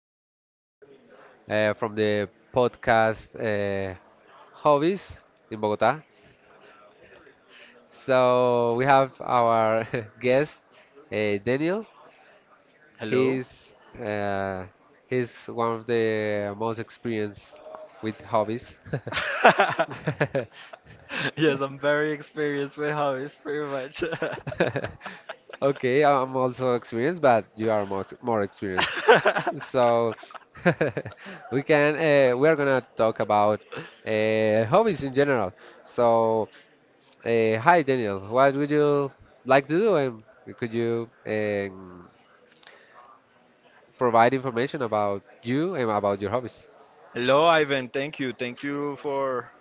Ivan from the podcast Hobbies in Bogota. So we have our guest Daniel. Hello? He's uh, he's one of the most experienced with hobbies. Yes, I'm very experienced with hobbies, pretty much. Okay, I'm also experienced, but you are more experienced. So we can we are gonna talk about hobbies in general. So hi Daniel, what would you like to do, and could you provide information about you and about your hobbies? Hello, Ivan. Thank you. Thank you for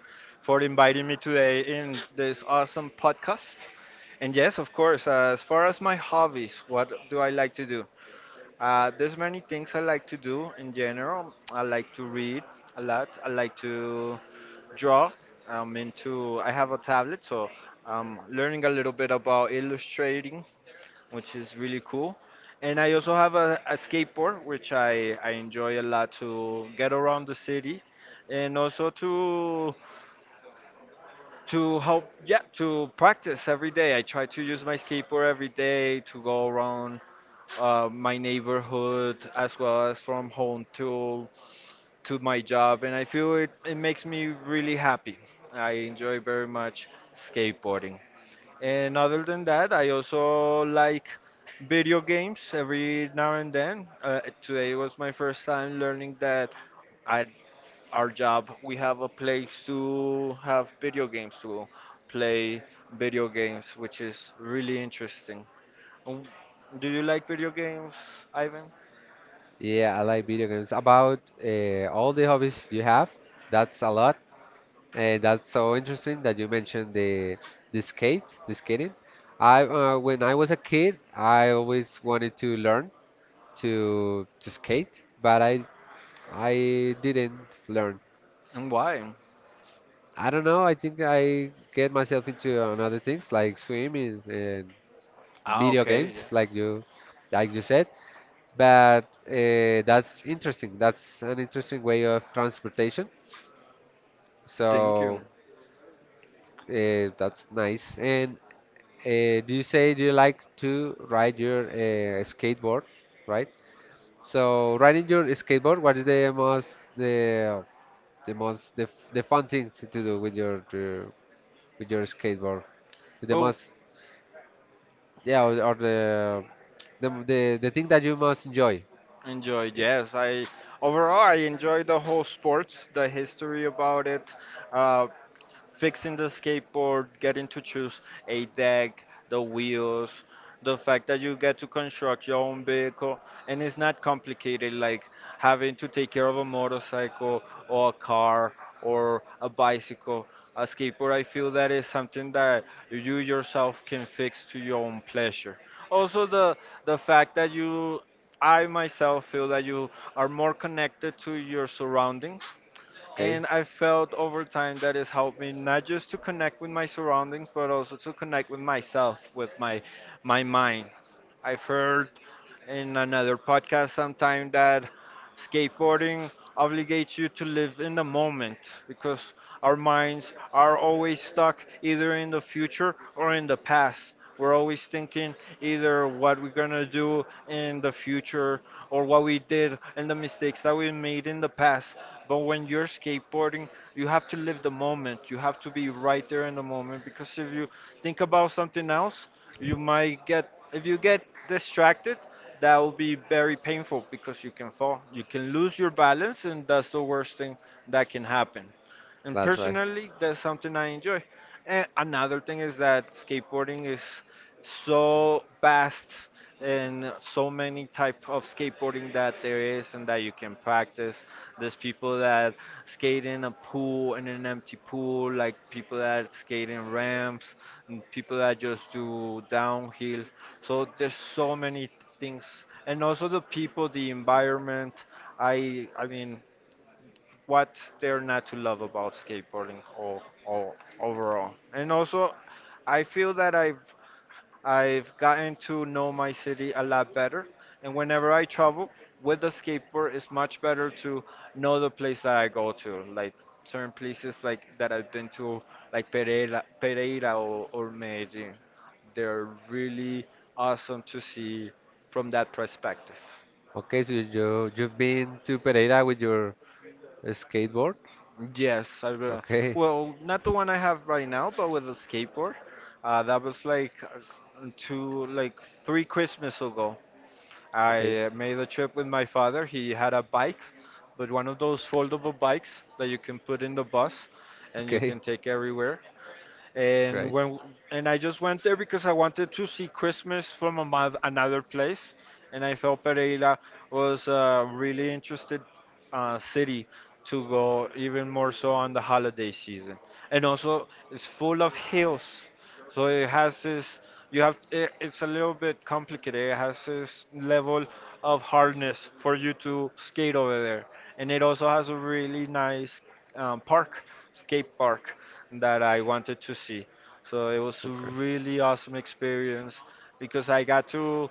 for inviting me today in this awesome podcast. And yes, of course, as far as my hobbies, what do I like to do? There's many things I like to do in general. I like to read a lot. I like to draw. I'm into. I have a tablet, so I'm learning a little bit about illustrating, which is really cool. And I also have a skateboard, which I enjoy a lot to get around the city, and also to help, yeah, to practice every day. I try to use my skateboard every day to go around my neighborhood, as well as from home to my job, and I feel it makes me really happy. I enjoy very much skateboarding. And other than that, I also like video games every now and then. Today was my first time learning that at our job we have a place to have video games to play video games, which is really interesting. Um, Do you like video games, Ivan? Yeah, I like video games. About all the hobbies you have, that's a lot. That's so interesting that you mentioned the skating. I when I was a kid, I always wanted to learn to skate, but I didn't learn. And why? I don't know. I think I get myself into another things like swimming and Ah, video okay. games, Yeah. Like you said. But that's interesting. That's an interesting way of transportation. Thank So you. That's nice. And do you like to ride your skateboard, right? So riding your skateboard, what is the the most the fun thing to do with your skateboard? The Oh, most yeah or the thing that you most enjoy. enjoy. Yes, I overall I enjoyed the whole sports, the history about it. Uh, fixing the skateboard, getting to choose a deck, the wheels, the fact that you get to construct your own vehicle, and it's not complicated like having to take care of a motorcycle or a car or a bicycle. A skateboard, I feel, that is something that you Yeah. yourself can fix to your own pleasure. Also, the fact that you I myself feel that you are more connected to your surroundings, and I felt over time that it's helped me not just to connect with my surroundings, but also to connect with myself, with my my mind. I've heard in another podcast sometime that skateboarding obligates you to live in the moment, because our minds are always stuck either in the future or in the past. We're always thinking either what we're gonna do in the future or what we did and the mistakes that we made in the past. But when you're skateboarding, you have to live the moment. You have to be right there in the moment, because if you think about something else, you might get, if you get distracted, that will be very painful because you can fall, you can lose your balance, and that's the worst thing that can happen. And That's right. personally, that's something I enjoy. And another thing is that skateboarding is so vast, and so many type of skateboarding that there is and that you can practice. There's people that skate in a pool, in an empty pool, like people that skate in ramps, and people that just do downhill. So there's so many things, and also the people, the environment. I mean, what's there not to love about skateboarding, or overall? And also I feel that I've gotten to know my city a lot better, and whenever I travel with the skateboard, it's much better to know the place that I go to. Like certain places like that I've been to, like Pereira or Medellin, they're really awesome to see from that perspective. Okay, so you've been to Pereira with your skateboard. Yes, I Okay, well, not the one I have right now, but with a skateboard. That was like two, like three Christmas ago. okay, I made a trip with my father. He had a bike, but one of those foldable bikes that you can put in the bus and you can okay, take everywhere. And right. when and I just went there because I wanted to see Christmas from a another place, and I felt Pereira was a really interested city to go, even more so on the holiday season, and also it's full of hills, so it has this. You have it, it's a little bit complicated. It has this level of hardness for you to skate over there, and it also has a really nice park, skate park that I wanted to see. So it was a Okay. really awesome experience, because I got to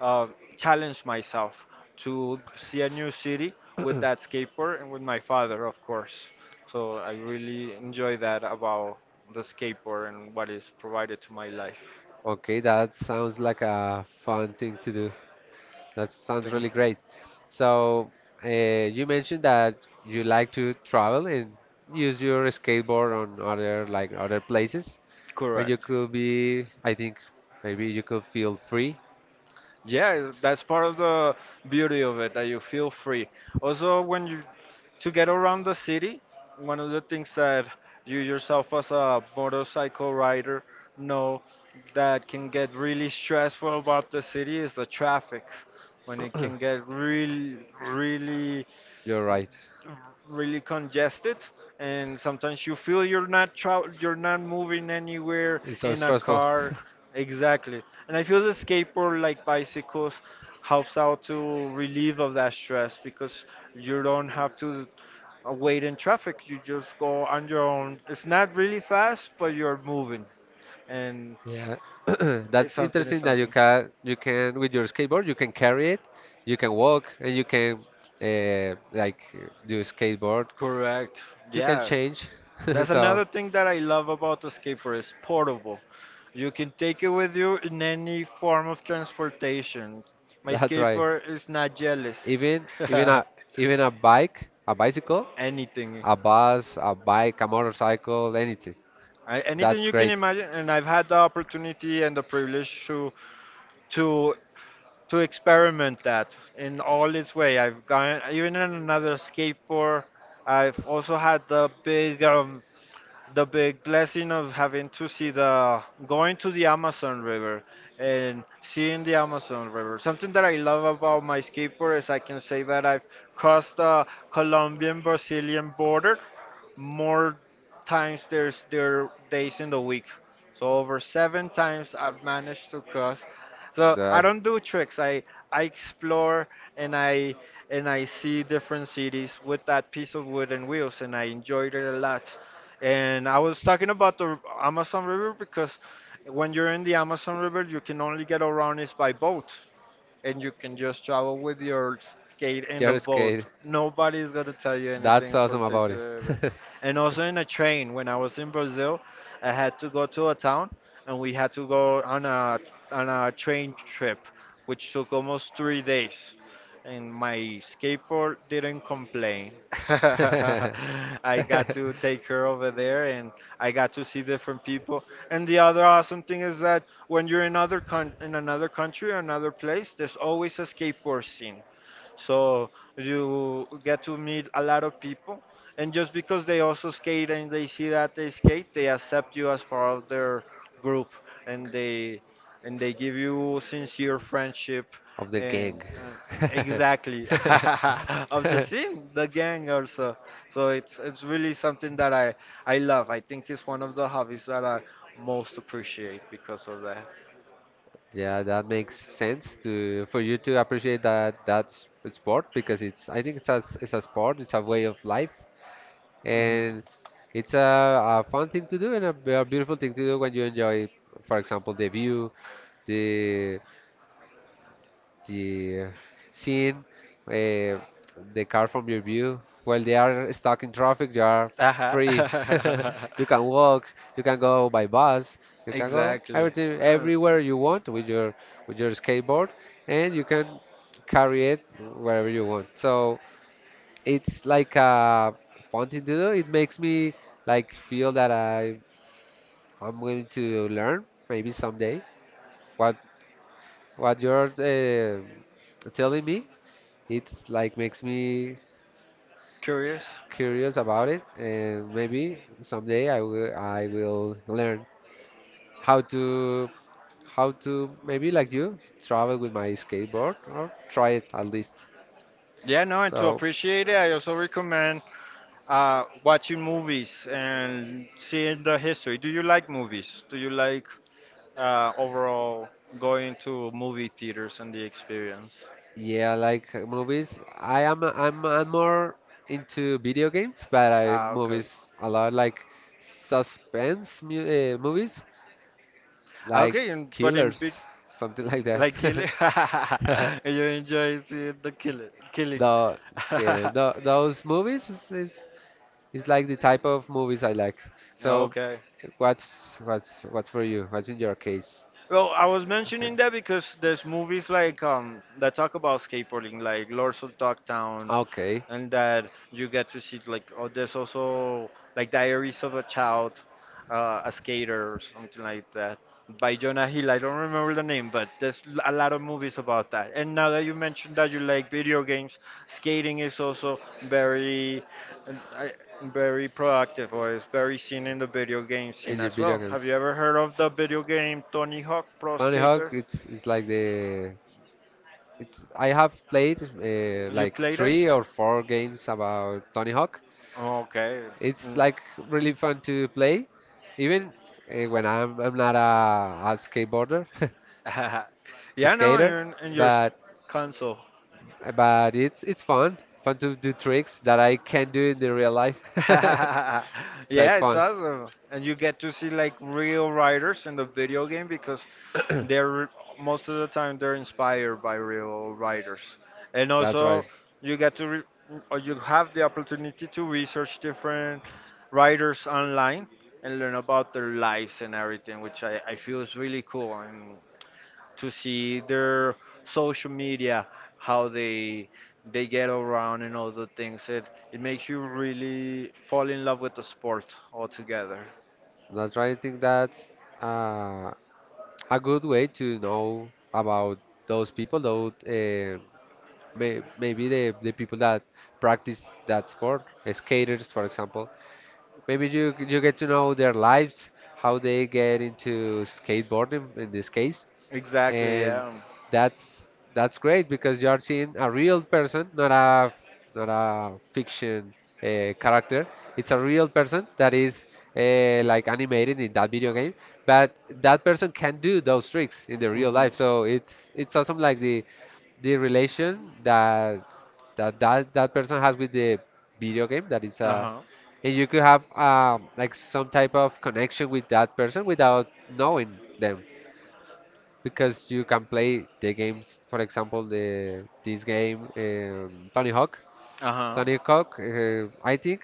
uh, challenge myself to see a new city with that skateboard and with my father, of course. So I really enjoy that about the skateboard and what is provided to my life. Okay, that sounds like a fun thing to do. That sounds Thank really you. great. So, you mentioned that you like to travel and use your skateboard on other places when you Correct. could be, I think maybe you could feel free. Yeah, that's part of the beauty of it, that you feel free. Also, when you to get around the city, one of the things that you yourself as a motorcycle rider know that can get really stressful about the city is the traffic. When it can get really, really You're right. really congested, and sometimes you feel you're not you're not moving anywhere It's so in a stressful. car, exactly. And I feel the skateboard, like bicycles, helps out to relieve of that stress, because you don't have to wait in traffic. You just go on your own. It's not really fast, but you're moving, and Yeah, it's that's something is interesting that you. something Yeah, can you can with your skateboard you can carry it, you can walk and you can do skateboard. correct. You can Yeah. change. That's That's so, another thing that I love about the skateboard. It's portable. You can take it with you in any form of transportation. My that's right. skateboard is not jealous. Even even a even a bike a bicycle, Anything, a bus, a bike, a motorcycle, anything. I, anything That's you can great. imagine, and I've had the opportunity and the privilege to to experiment that in all its way. I've gone even in another skateboard. I've also had the big blessing of having to see the going to the Amazon River and seeing the Amazon River. Something that I love about my skateboard is I can say that I've crossed the Colombian Brazilian border more times there's there days in the week. So over seven times I've managed to cross. So I That. don't do tricks. I explore, and I and I see different cities with that piece of wooden wheels, and I enjoyed it a lot. And I was talking about the Amazon River because when you're in the Amazon River, you can only get around it by boat, and you can just travel with your skate in the You're scared. boat. Nobody's gonna tell you That's anything for awesome about taking it. it away. And also in a train, when I was in Brazil, I had to go to a town, and we had to go on a train trip, which took almost 3 days. And my skateboard didn't complain. I got to take her over there, and I got to see different people. And the other awesome thing is that when you're in other in another country or another place, there's always a skateboard scene. So you get to meet a lot of people. And just because they also skate and they see that they skate, they accept you as part of their group, and they and they give you sincere friendship. Of the And gang. Exactly. Of the scene, the gang also. So it's really something that I love. I think it's one of the hobbies that I most appreciate because of that. Yeah, that makes sense to for you to appreciate that sport because it's I think it's it's a sport, it's a way of life, Hmm. and it's a fun thing to do and a beautiful thing to do when you enjoy, for example, the view, the the seeing uh, the car from your view. While they are stuck in traffic, you are Uh-huh. free. You can walk, you can go by bus, you can go Exactly. everything Well, everywhere you want with your skateboard, and you can carry it wherever you want. So it's like a fun thing to do. It makes me like feel that I'm willing to learn maybe someday. What what you're telling me it's like makes me curious. curious about it, and maybe someday I will learn how to how to maybe like you travel with my skateboard or try it at least. Yeah, no, and to So appreciate it, I also recommend watching movies and seeing the history. Do you like movies? Do you like overall going to movie theaters and the experience? yeah, like movies. I am I'm more into video games, but I Ah, okay. movies a lot like suspense mu movies, Ah, like okay, and, but in killers, big, something like like that. killing, you enjoy seeing the killing, killing. The those movies is like the type of movies I like. So, Okay. What's for you? What's in your case? Well, I was Okay. mentioning that because there's movies like that talk about skateboarding, like Lords of Dogtown, Okay. and that you get to see like, oh, there's also like Diaries of a Child, a skater or something like that, by Jonah Hill. I don't remember the name, but there's a lot of movies about that. And now that you mentioned that you like video games, skating is also very, uh, I- very productive or is very seen in the video game scene In the as video well. games. Have you ever heard of the video game Tony Hawk Pro Tony Hawk, Skater? It's like the it's I have played You've like played it? three or four games about Tony Hawk. Okay. It's Mm. like really fun to play, even when I'm not a skateboarder, a Yeah, no, skater, you're in your but. console. But it's fun, fun to do tricks that I can't do in the real life. So Yeah, it's it's fun. awesome. And you get to see like real writers in the video game, because they're most of the time they're inspired by real writers. And That's right. also you get to or you have the opportunity to research different writers online and learn about their lives and everything, which I feel is really cool. And to see their social media, how they get around and all the things. It makes you really fall in love with the sport altogether. That's right. I think that's uh, a good way to know about those people, though maybe the people that practice that sport, skaters, for example. Maybe you get to know their lives, how they get into skateboarding in this case, Exactly, and yeah. that's that's great because you are seeing a real person, not a fiction character. It's a real person that is animated in that video game, but that person can do those tricks in the real Mhm. life. So it's awesome like the relation that person has with the video game that is a, Uh-huh. and you could have like some type of connection with that person without knowing them because you can play the games, for example the this game Tony Hawk Uh-huh. Tony Hawk. I think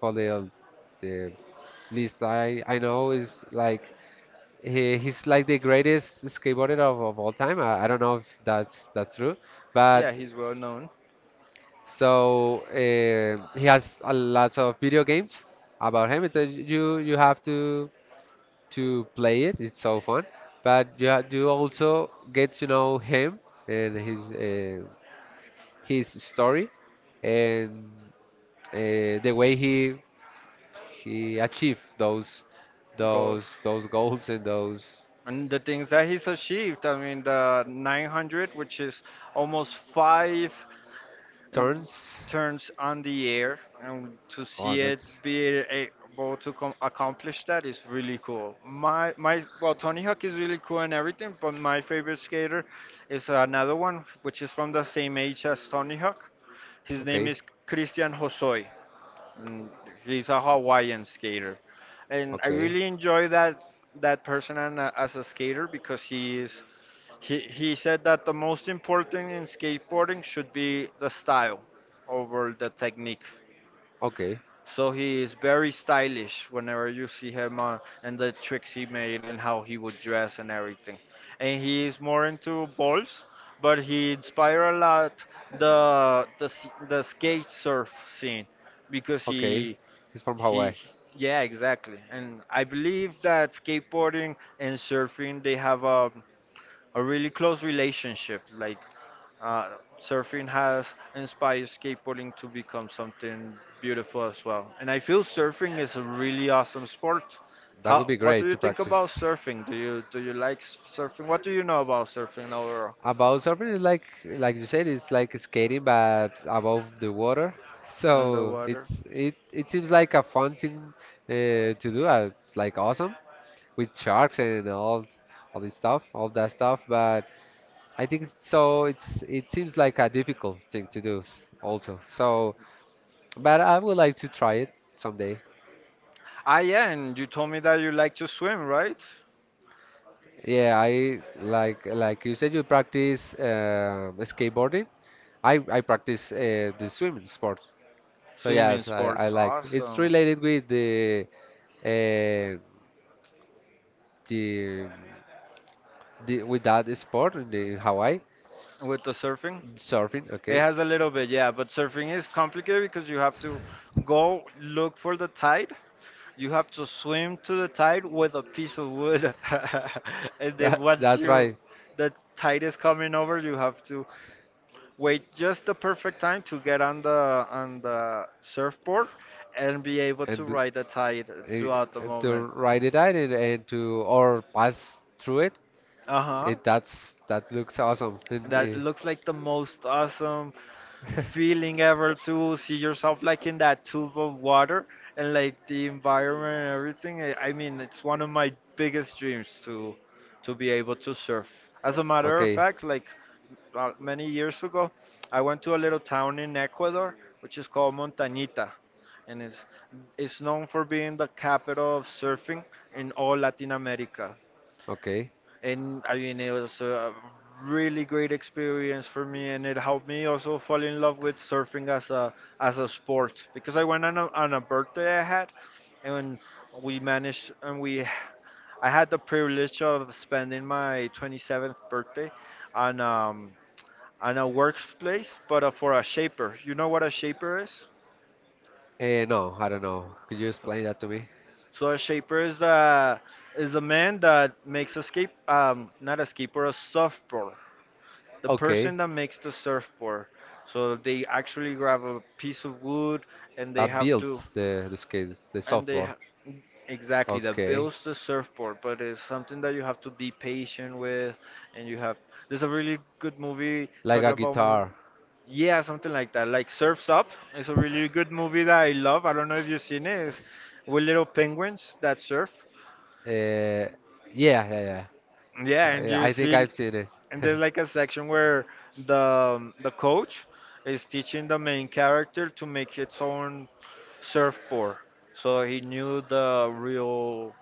for the least I know is like he, he's like the greatest skateboarder of all time. I don't know if that's that's true but, Yeah, he's well known. so he has a lots of video games about him. It, you you have to play it. It's so fun. But you also get to know him and his story and the way he achieved those Golf. those those goals and those And the things that he's achieved, I mean, the 900, which is almost five and turns. turns on the air, and to Oh, see it that's be able to accomplish that is really cool. Well, Tony Hawk is really cool and everything, but my favorite skater is another one, which is from the same age as Tony Hawk. His name okay. is Christian Hosoi and he's a Hawaiian skater, and I Okay. really enjoy that person and, as a skater because he he said that the most important in skateboarding should be the style over the technique. Okay. So he is very stylish whenever you see him, and the tricks he made and how he would dress and everything. And he is more into balls, but he inspired a lot the skate surf scene because He's from Hawaii. he, yeah, exactly. And I believe that skateboarding and surfing, they have a really close relationship. Like uh, surfing has inspired skateboarding to become something beautiful as well. And I feel surfing is a really awesome sport. That would be What do great you to think about practice. surfing? Do you like surfing? What do you know about surfing overall? About surfing is like you said, it's like skating but above the water. So it's Underwater. it seems like a fun thing to do. It's like awesome with sharks and all this stuff, all that stuff. But I think It's it seems like a difficult thing to do also. So, but I would like to try it someday. Ah, yeah, and you told me that you like to swim, right? Yeah, I like you said you practice skateboarding. I practice the swimming sport. So Swimming yes, I sports, like. It's awesome. related with the uh, the, the with that sport in the Hawaii With the surfing? surfing. It Okay. has a little bit, yeah, but surfing is complicated because you have to go look for the tide. You have to swim to the tide with a piece of wood. And then That once that's you right. the tide is coming over, you have to wait just the perfect time to get on the surfboard and be able to And to, ride the tide throughout the uh, and to moment. ride it out and to or pass through it. Uh huh. It that's that looks awesome. And, That eh, looks like the most awesome feeling ever, to see yourself like in that tube of water and like the environment and everything. I mean, it's one of my biggest dreams to be able to surf. As a matter of okay, fact, like many years ago, I went to a little town in Ecuador which is called Montañita, and it's known for being the capital of surfing in all Latin America. okay. And I mean it was a really great experience for me, and it helped me also fall in love with surfing as a sport because I went on on a birthday I had, and we managed, and we I had the privilege of spending my 27th birthday on on a workplace, but for a shaper. You know what a shaper is? Eh, no, I don't know. Could you explain that to me? So a shaper is the man that makes a skate not a skateboard, a surfboard. The Okay, person that makes the surfboard. So they actually grab a piece of wood, and they that have to builds the skate, the and they software. ha- exactly, that Okay, builds the surfboard, but it's something that you have to be patient with, and you have there's a really good movie like talking a about guitar. yeah, something like that. Like Surfs Up. It's a really good movie that I love. I don't know if you've seen it. It's with little penguins that surf. Uh, yeah, yeah, Yeah, and yeah. You I think see, I've seen it. and there's like a section where the coach is teaching the main character to make its own surfboard. So he knew the real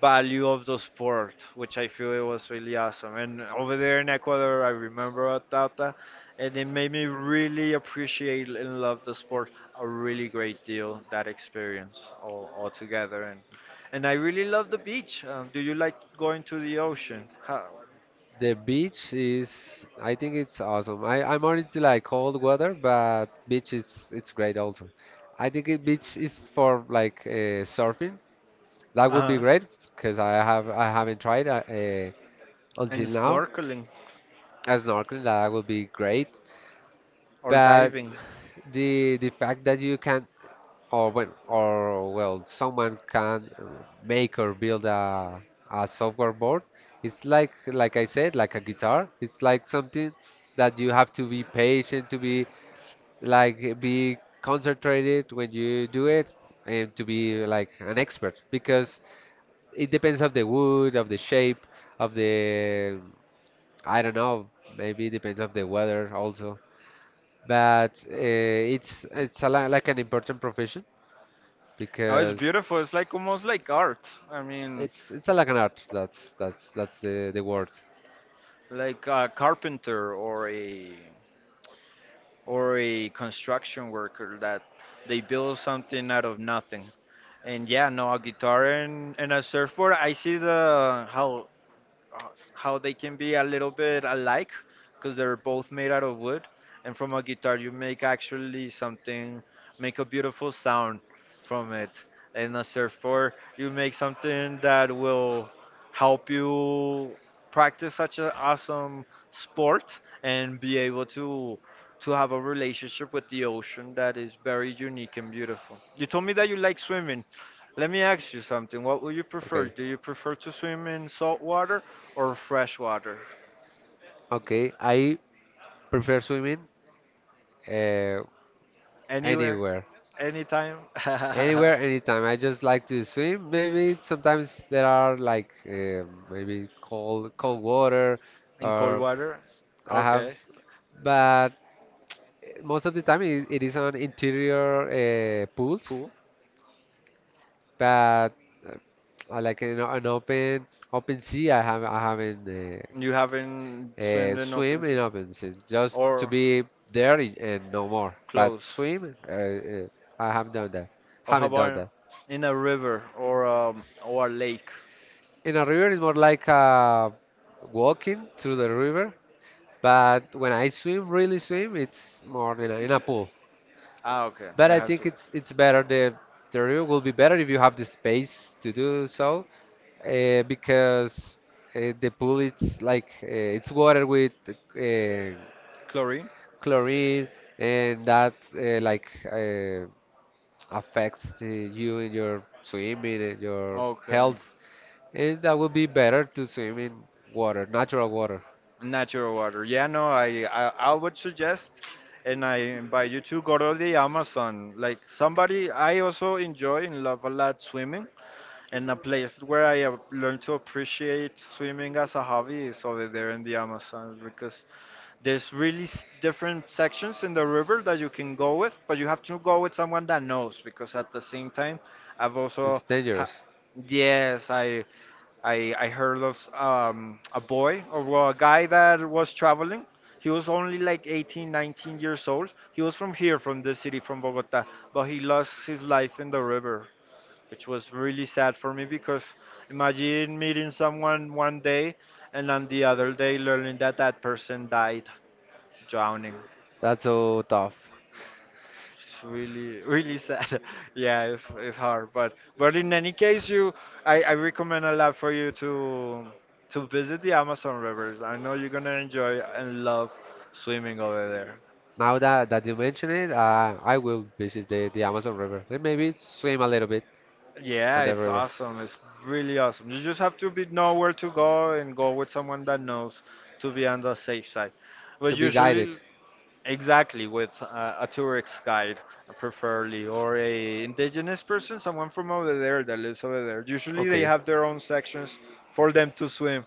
value of the sport, which I feel it was really awesome. And over there in Ecuador, I remember at Tata, and it made me really appreciate and love the sport a really great deal. That experience all together, and I really love the beach. Do you like going to the ocean? How? The beach I think is, it's I think really it's awesome. I'm more into like like all cold together. weather, but And this beach is, is it's great also. I I think think it's it, beach is good for for like surfing. surfing. That's That would be Uh-huh. great correct. because I haven't tried And until now. snorkeling As snorkeling, that would be great. or But diving. The fact that you can or when or well someone can make or build a software board, it's like I said, like a guitar. It's like something that you have to be patient to be like be concentrated when you do it, and to be like an expert because it depends of the wood, of the shape, of the I don't know, maybe it depends of the weather also but it's like an important profession Oh, it's because beautiful. It's like almost like art. I mean, like an art. That's that's the word. like a carpenter or a construction worker that they build something out of nothing. And yeah, no, a guitar and a surfboard. I see the how, uh, how they can be a little bit alike because they're both made out of wood, and from a guitar you make actually something, make a beautiful sound from it, and a surfboard you make something that will help you practice such an awesome sport and be able to have a relationship with the ocean that is very unique and beautiful. You told me that you like swimming. Let me ask you something. What would you prefer? Okay. Do you prefer to swim in salt water or fresh water? Okay, I prefer swimming uh, Anywhere? anywhere, Anytime? anywhere, anytime. I just like to swim. Maybe sometimes there are like maybe cold, cold water, In cold or water? I have, Okay. but most of the time it is on interior pools, Pool? but uh, I like an open open sea, I haven't You haven't swimmed in open swim in sea? open sea just to Or be there and no more. But close? swim, I haven't done that. Or how Haven't done about that. in a river or a lake? In a river, it's more like walking through the river. But when I swim, really swim, it's more in in a pool. Ah, okay. But It I has to. think it's better the river will be better if you have the space to do so. Because the pool it's like it's water with Chlorine? chlorine and that affects you in your swimming and your Okay. health, and that would be better to swim in water natural water. Natural water. Yeah, no, I would suggest, and I invite you to go to the Amazon. Like somebody, I also enjoy and love a lot swimming, and a place where I have learned to appreciate swimming as a hobby is over there in the Amazon because there's really different sections in the river that you can go with, but you have to go with someone that knows because at the same time, I've also It's ha dangerous. yes, I heard of a boy, or well, a guy that was traveling. He was only like 18, 19 years old. He was from here, from the city, from Bogota, but he lost his life in the river, which was really sad for me because imagine meeting someone one day and on the other day learning that that person died drowning. That's so tough. It's really, really sad. Yeah, it's hard, but in any case, you, I recommend a lot for you to visit the Amazon rivers. I know you're gonna enjoy and love swimming over there. Now that, that you mention it, I will visit the Amazon River and maybe swim a little bit Yeah, on the it's river. awesome. It's really awesome. You just have to be know where to go and go with someone that knows to be on the safe side. But To be guided. usually, exactly, with a tourist guide, preferably, or a indigenous person, someone from over there that lives over there. Usually, they Okay. have their own sections for them to swim,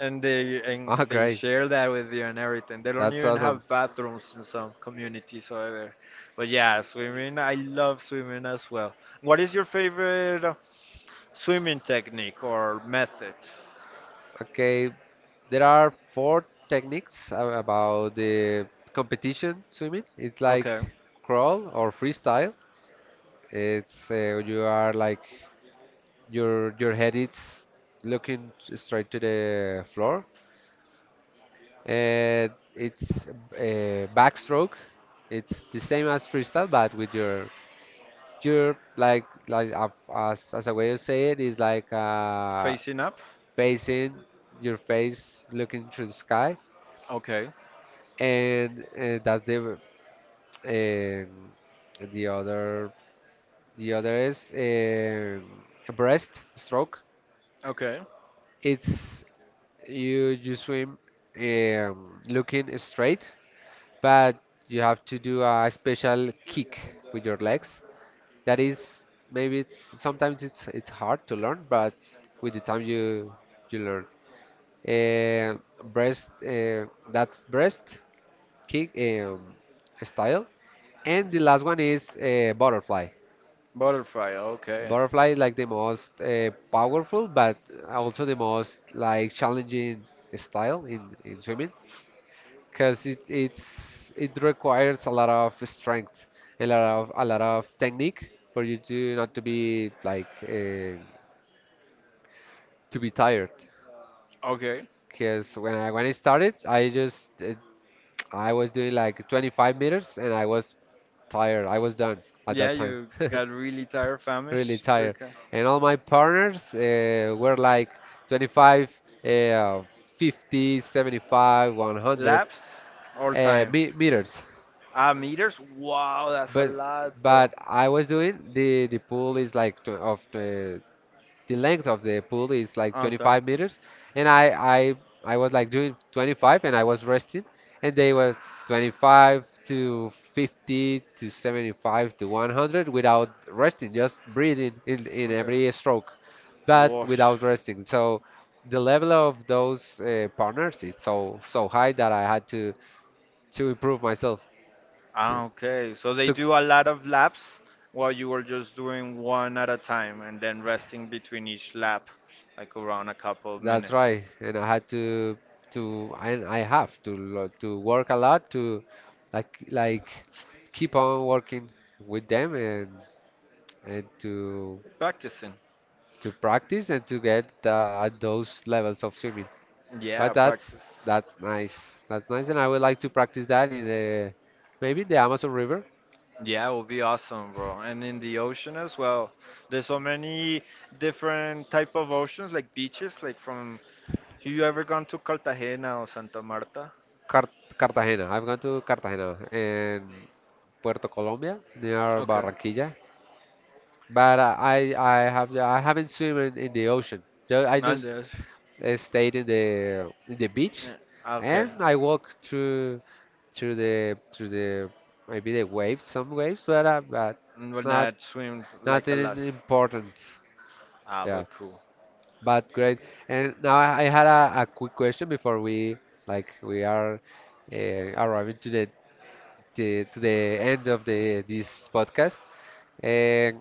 and they and Ah, they great. share that with you and everything. They don't That's even awesome. have bathrooms in some communities over there. But yeah, swimming, I love swimming as well. What is your favorite swimming technique or method? Okay, there are four techniques about the competition swimming. It's like Okay, crawl or freestyle. It's you are like. Your head is looking straight to the floor. And it's a backstroke. It's the same as freestyle, but with your like as a way to say it is like facing up. facing your face looking through the sky, Okay, and that's um, the other the other is breaststroke. okay. It's you you swim looking straight, but you have to do a special kick with your legs. That is maybe it's sometimes it's hard to learn, but with the time you learn. Uh, breast That's breast kick style, and the last one is butterfly. Butterfly, okay. Butterfly is like the most powerful, but also the most like challenging style in swimming because it it requires a lot of strength, a lot of technique for you to not to be like to be tired. Okay. Because when I started, I just I was doing like 25 meters and I was tired. I was done at Yeah, that time. you got really tired, Really famished, tired. pretty. And all my partners were like 25, uh, 50, 75, 100 Laps all time. me meters. Ah, meters? Wow, that's a But lot, bro. but I was doing the pool is like tw of the length of the pool is like Okay. 25 meters, and I I was like doing 25 and I was resting, and they were 25 to 50 to 75 to 100 without resting, just breathing in Okay. every stroke, but Wash. without resting. So the level of those partners is so high that I had to improve myself to Ah, okay. So they to do a lot of laps while you were just doing one at a time and then resting between each lap, like around a couple of that's minutes. right, and I had to and I have to work a lot to like keep on working with them and and to Practicing. to practice and to get at those levels of swimming. But Yeah, that's practice. that's nice. That's nice, and I would like to practice that in the maybe the Amazon River, Yeah, it would be awesome, bro. And in the ocean as well. There's so many different type of oceans, like beaches. Like from, have you ever gone to Cartagena or Santa Marta? Car Cartagena. I've gone to Cartagena and Puerto Colombia near Okay. Barranquilla. But I haven't swim in the ocean. I And just there's, stayed in the beach, yeah, okay. and I walk through through the maybe the waves, some waves, but Well, not not swim like a nothing lot. important. Ah, Yeah, but cool. but great. And now I had a quick question before we like we are arriving to the to the end of the this podcast. Eh,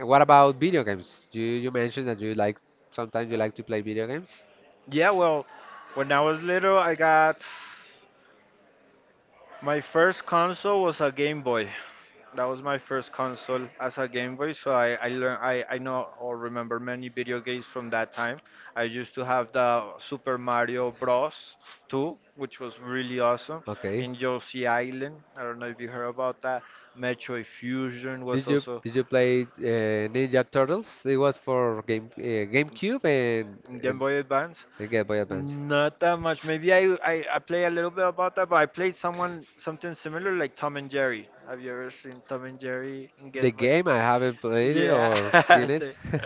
what about video games? You mentioned that you like sometimes you like to play video games. Yeah, well, when I was little, I got my first console was a Game Boy. That was my first console as a Game Boy, so I learn I know or remember many video games from that time. I used to have the Super Mario Bros. 2, which was really awesome, Okay. in Yoshi Island. I don't know if you heard about that. Metroid Fusion Did was you also did you play Ninja Turtles? It was for Game GameCube and, in Game and Boy Advance. and Game Boy Advance. Not that much. Maybe I I play a little bit about that, but I played someone something similar like Tom and Jerry. Have you ever seen Tom and Jerry and The Get Boy? game I haven't played it Yeah, or seen it. they-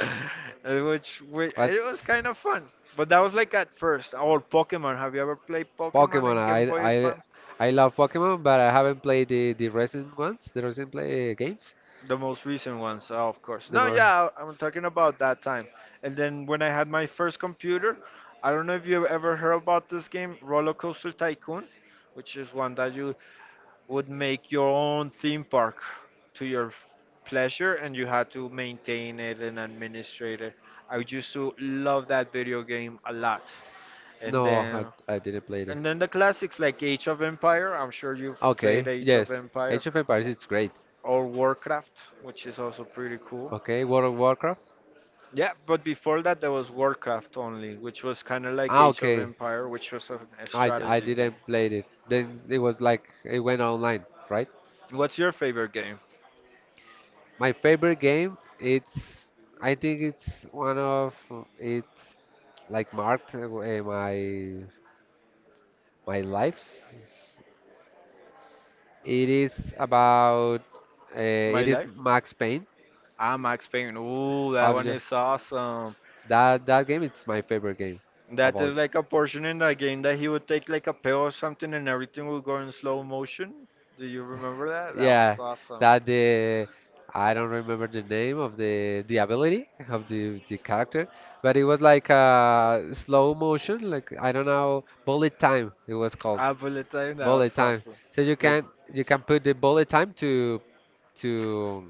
which we, What? it was kind of fun, but that was like at first. Or Pokemon. Have you ever played Pokemon Pokemon. and Game I Boy I Advance? I love Pokemon, but I haven't played the recent ones, the recent play games. The most recent ones, oh, of course. The No, mo- yeah, I'm talking about that time. And then when I had my first computer, I don't know if you ever heard about this game, Roller Coaster Tycoon, which is one that you would make your own theme park to your pleasure, and you had to maintain it and administrate it. I used to love that video game a lot. And No, I then I didn't play it. and then the classics like Age of Empire, I'm sure you've played Okay, Age of yes, Empire Age of Empires it's great. or Warcraft, which is also pretty cool. Okay, World of Warcraft. Yeah, but before that there was Warcraft only, which was kind of like Ah, Age of okay. Empire, which was a I strategy game. didn't play it. Then it was like it went online, right? What's your favorite game? My favorite game, it's I think it's one of it like marked my life's. It is about My it is life? Max Payne. Ah, Max Payne. Ooh, that Have one you is awesome. that that game? It's my favorite game That about. is like a portion in that game that he would take like a pill or something and everything would go in slow motion. Do you remember that? That Yeah, was awesome. that the I don't remember the name of the ability of the character, but it was like a slow motion, like I don't know, bullet time it was called Ah, bullet time, that bullet was time. awesome. So Like, you can put the bullet time to to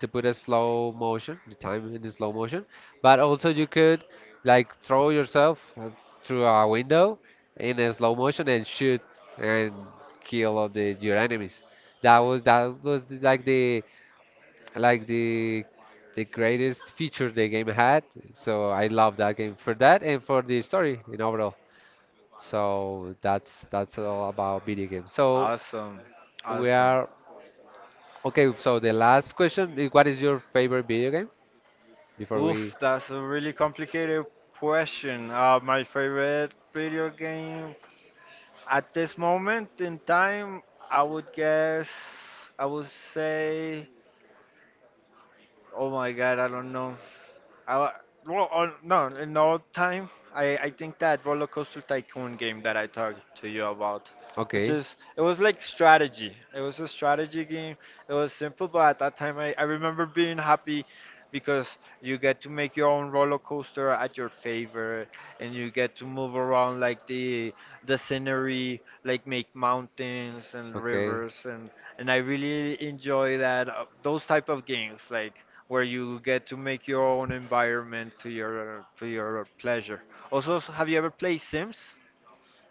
put a slow motion, the time in the slow motion. But also you could like throw yourself through a window in a slow motion and shoot and kill all the your enemies. Like the the greatest feature the game had. So I love that game for that and for the story in overall. So that's all about video games. So awesome. we Awesome. are okay. So the last question is, what is your favorite video game? Before we Oof, that's a really complicated question. My favorite video game at this moment in time, I would guess, I would say. Oh my God, I don't know. I, wa- well, on, no, in all time, I think that Roller Coaster Tycoon game that I talked to you about, which okay, is, it was like strategy. It was a strategy game. It was simple, but at that time I remember being happy because you get to make your own roller coaster at your favor, and you get to move around like the scenery, like make mountains and okay. rivers and I really enjoy that, those type of games like where you get to make your own environment to your pleasure. Also, have you ever played Sims?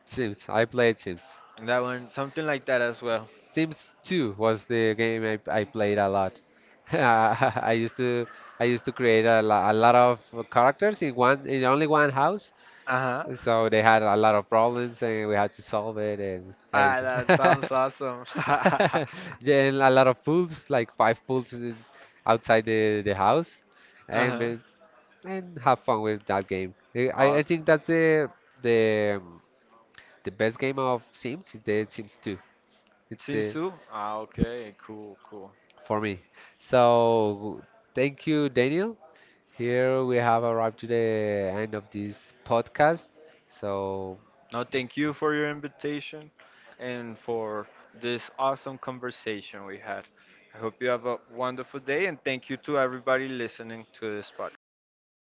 Sims. I played Sims. That one, something like that as well. Sims 2 was the game I played a lot. I used to I used to create a, a lot of characters in one in only one house, Uh-huh. so they had a lot of problems and we had to solve it and Ah, everything. that sounds awesome. Yeah, and a lot of pools, like five pools outside the house, and Uh-huh. ma- and have fun with that game. I Awesome. think that's the the um, the best game of Sims is the Sims 2. It's Sims the 2? Ah, okay, cool, cool. for me. So thank you, Daniel. Here we have arrived to the end of this podcast. So Now, thank you for your invitation and for this awesome conversation we had. I hope you have a wonderful day, and thank you to everybody listening to this podcast.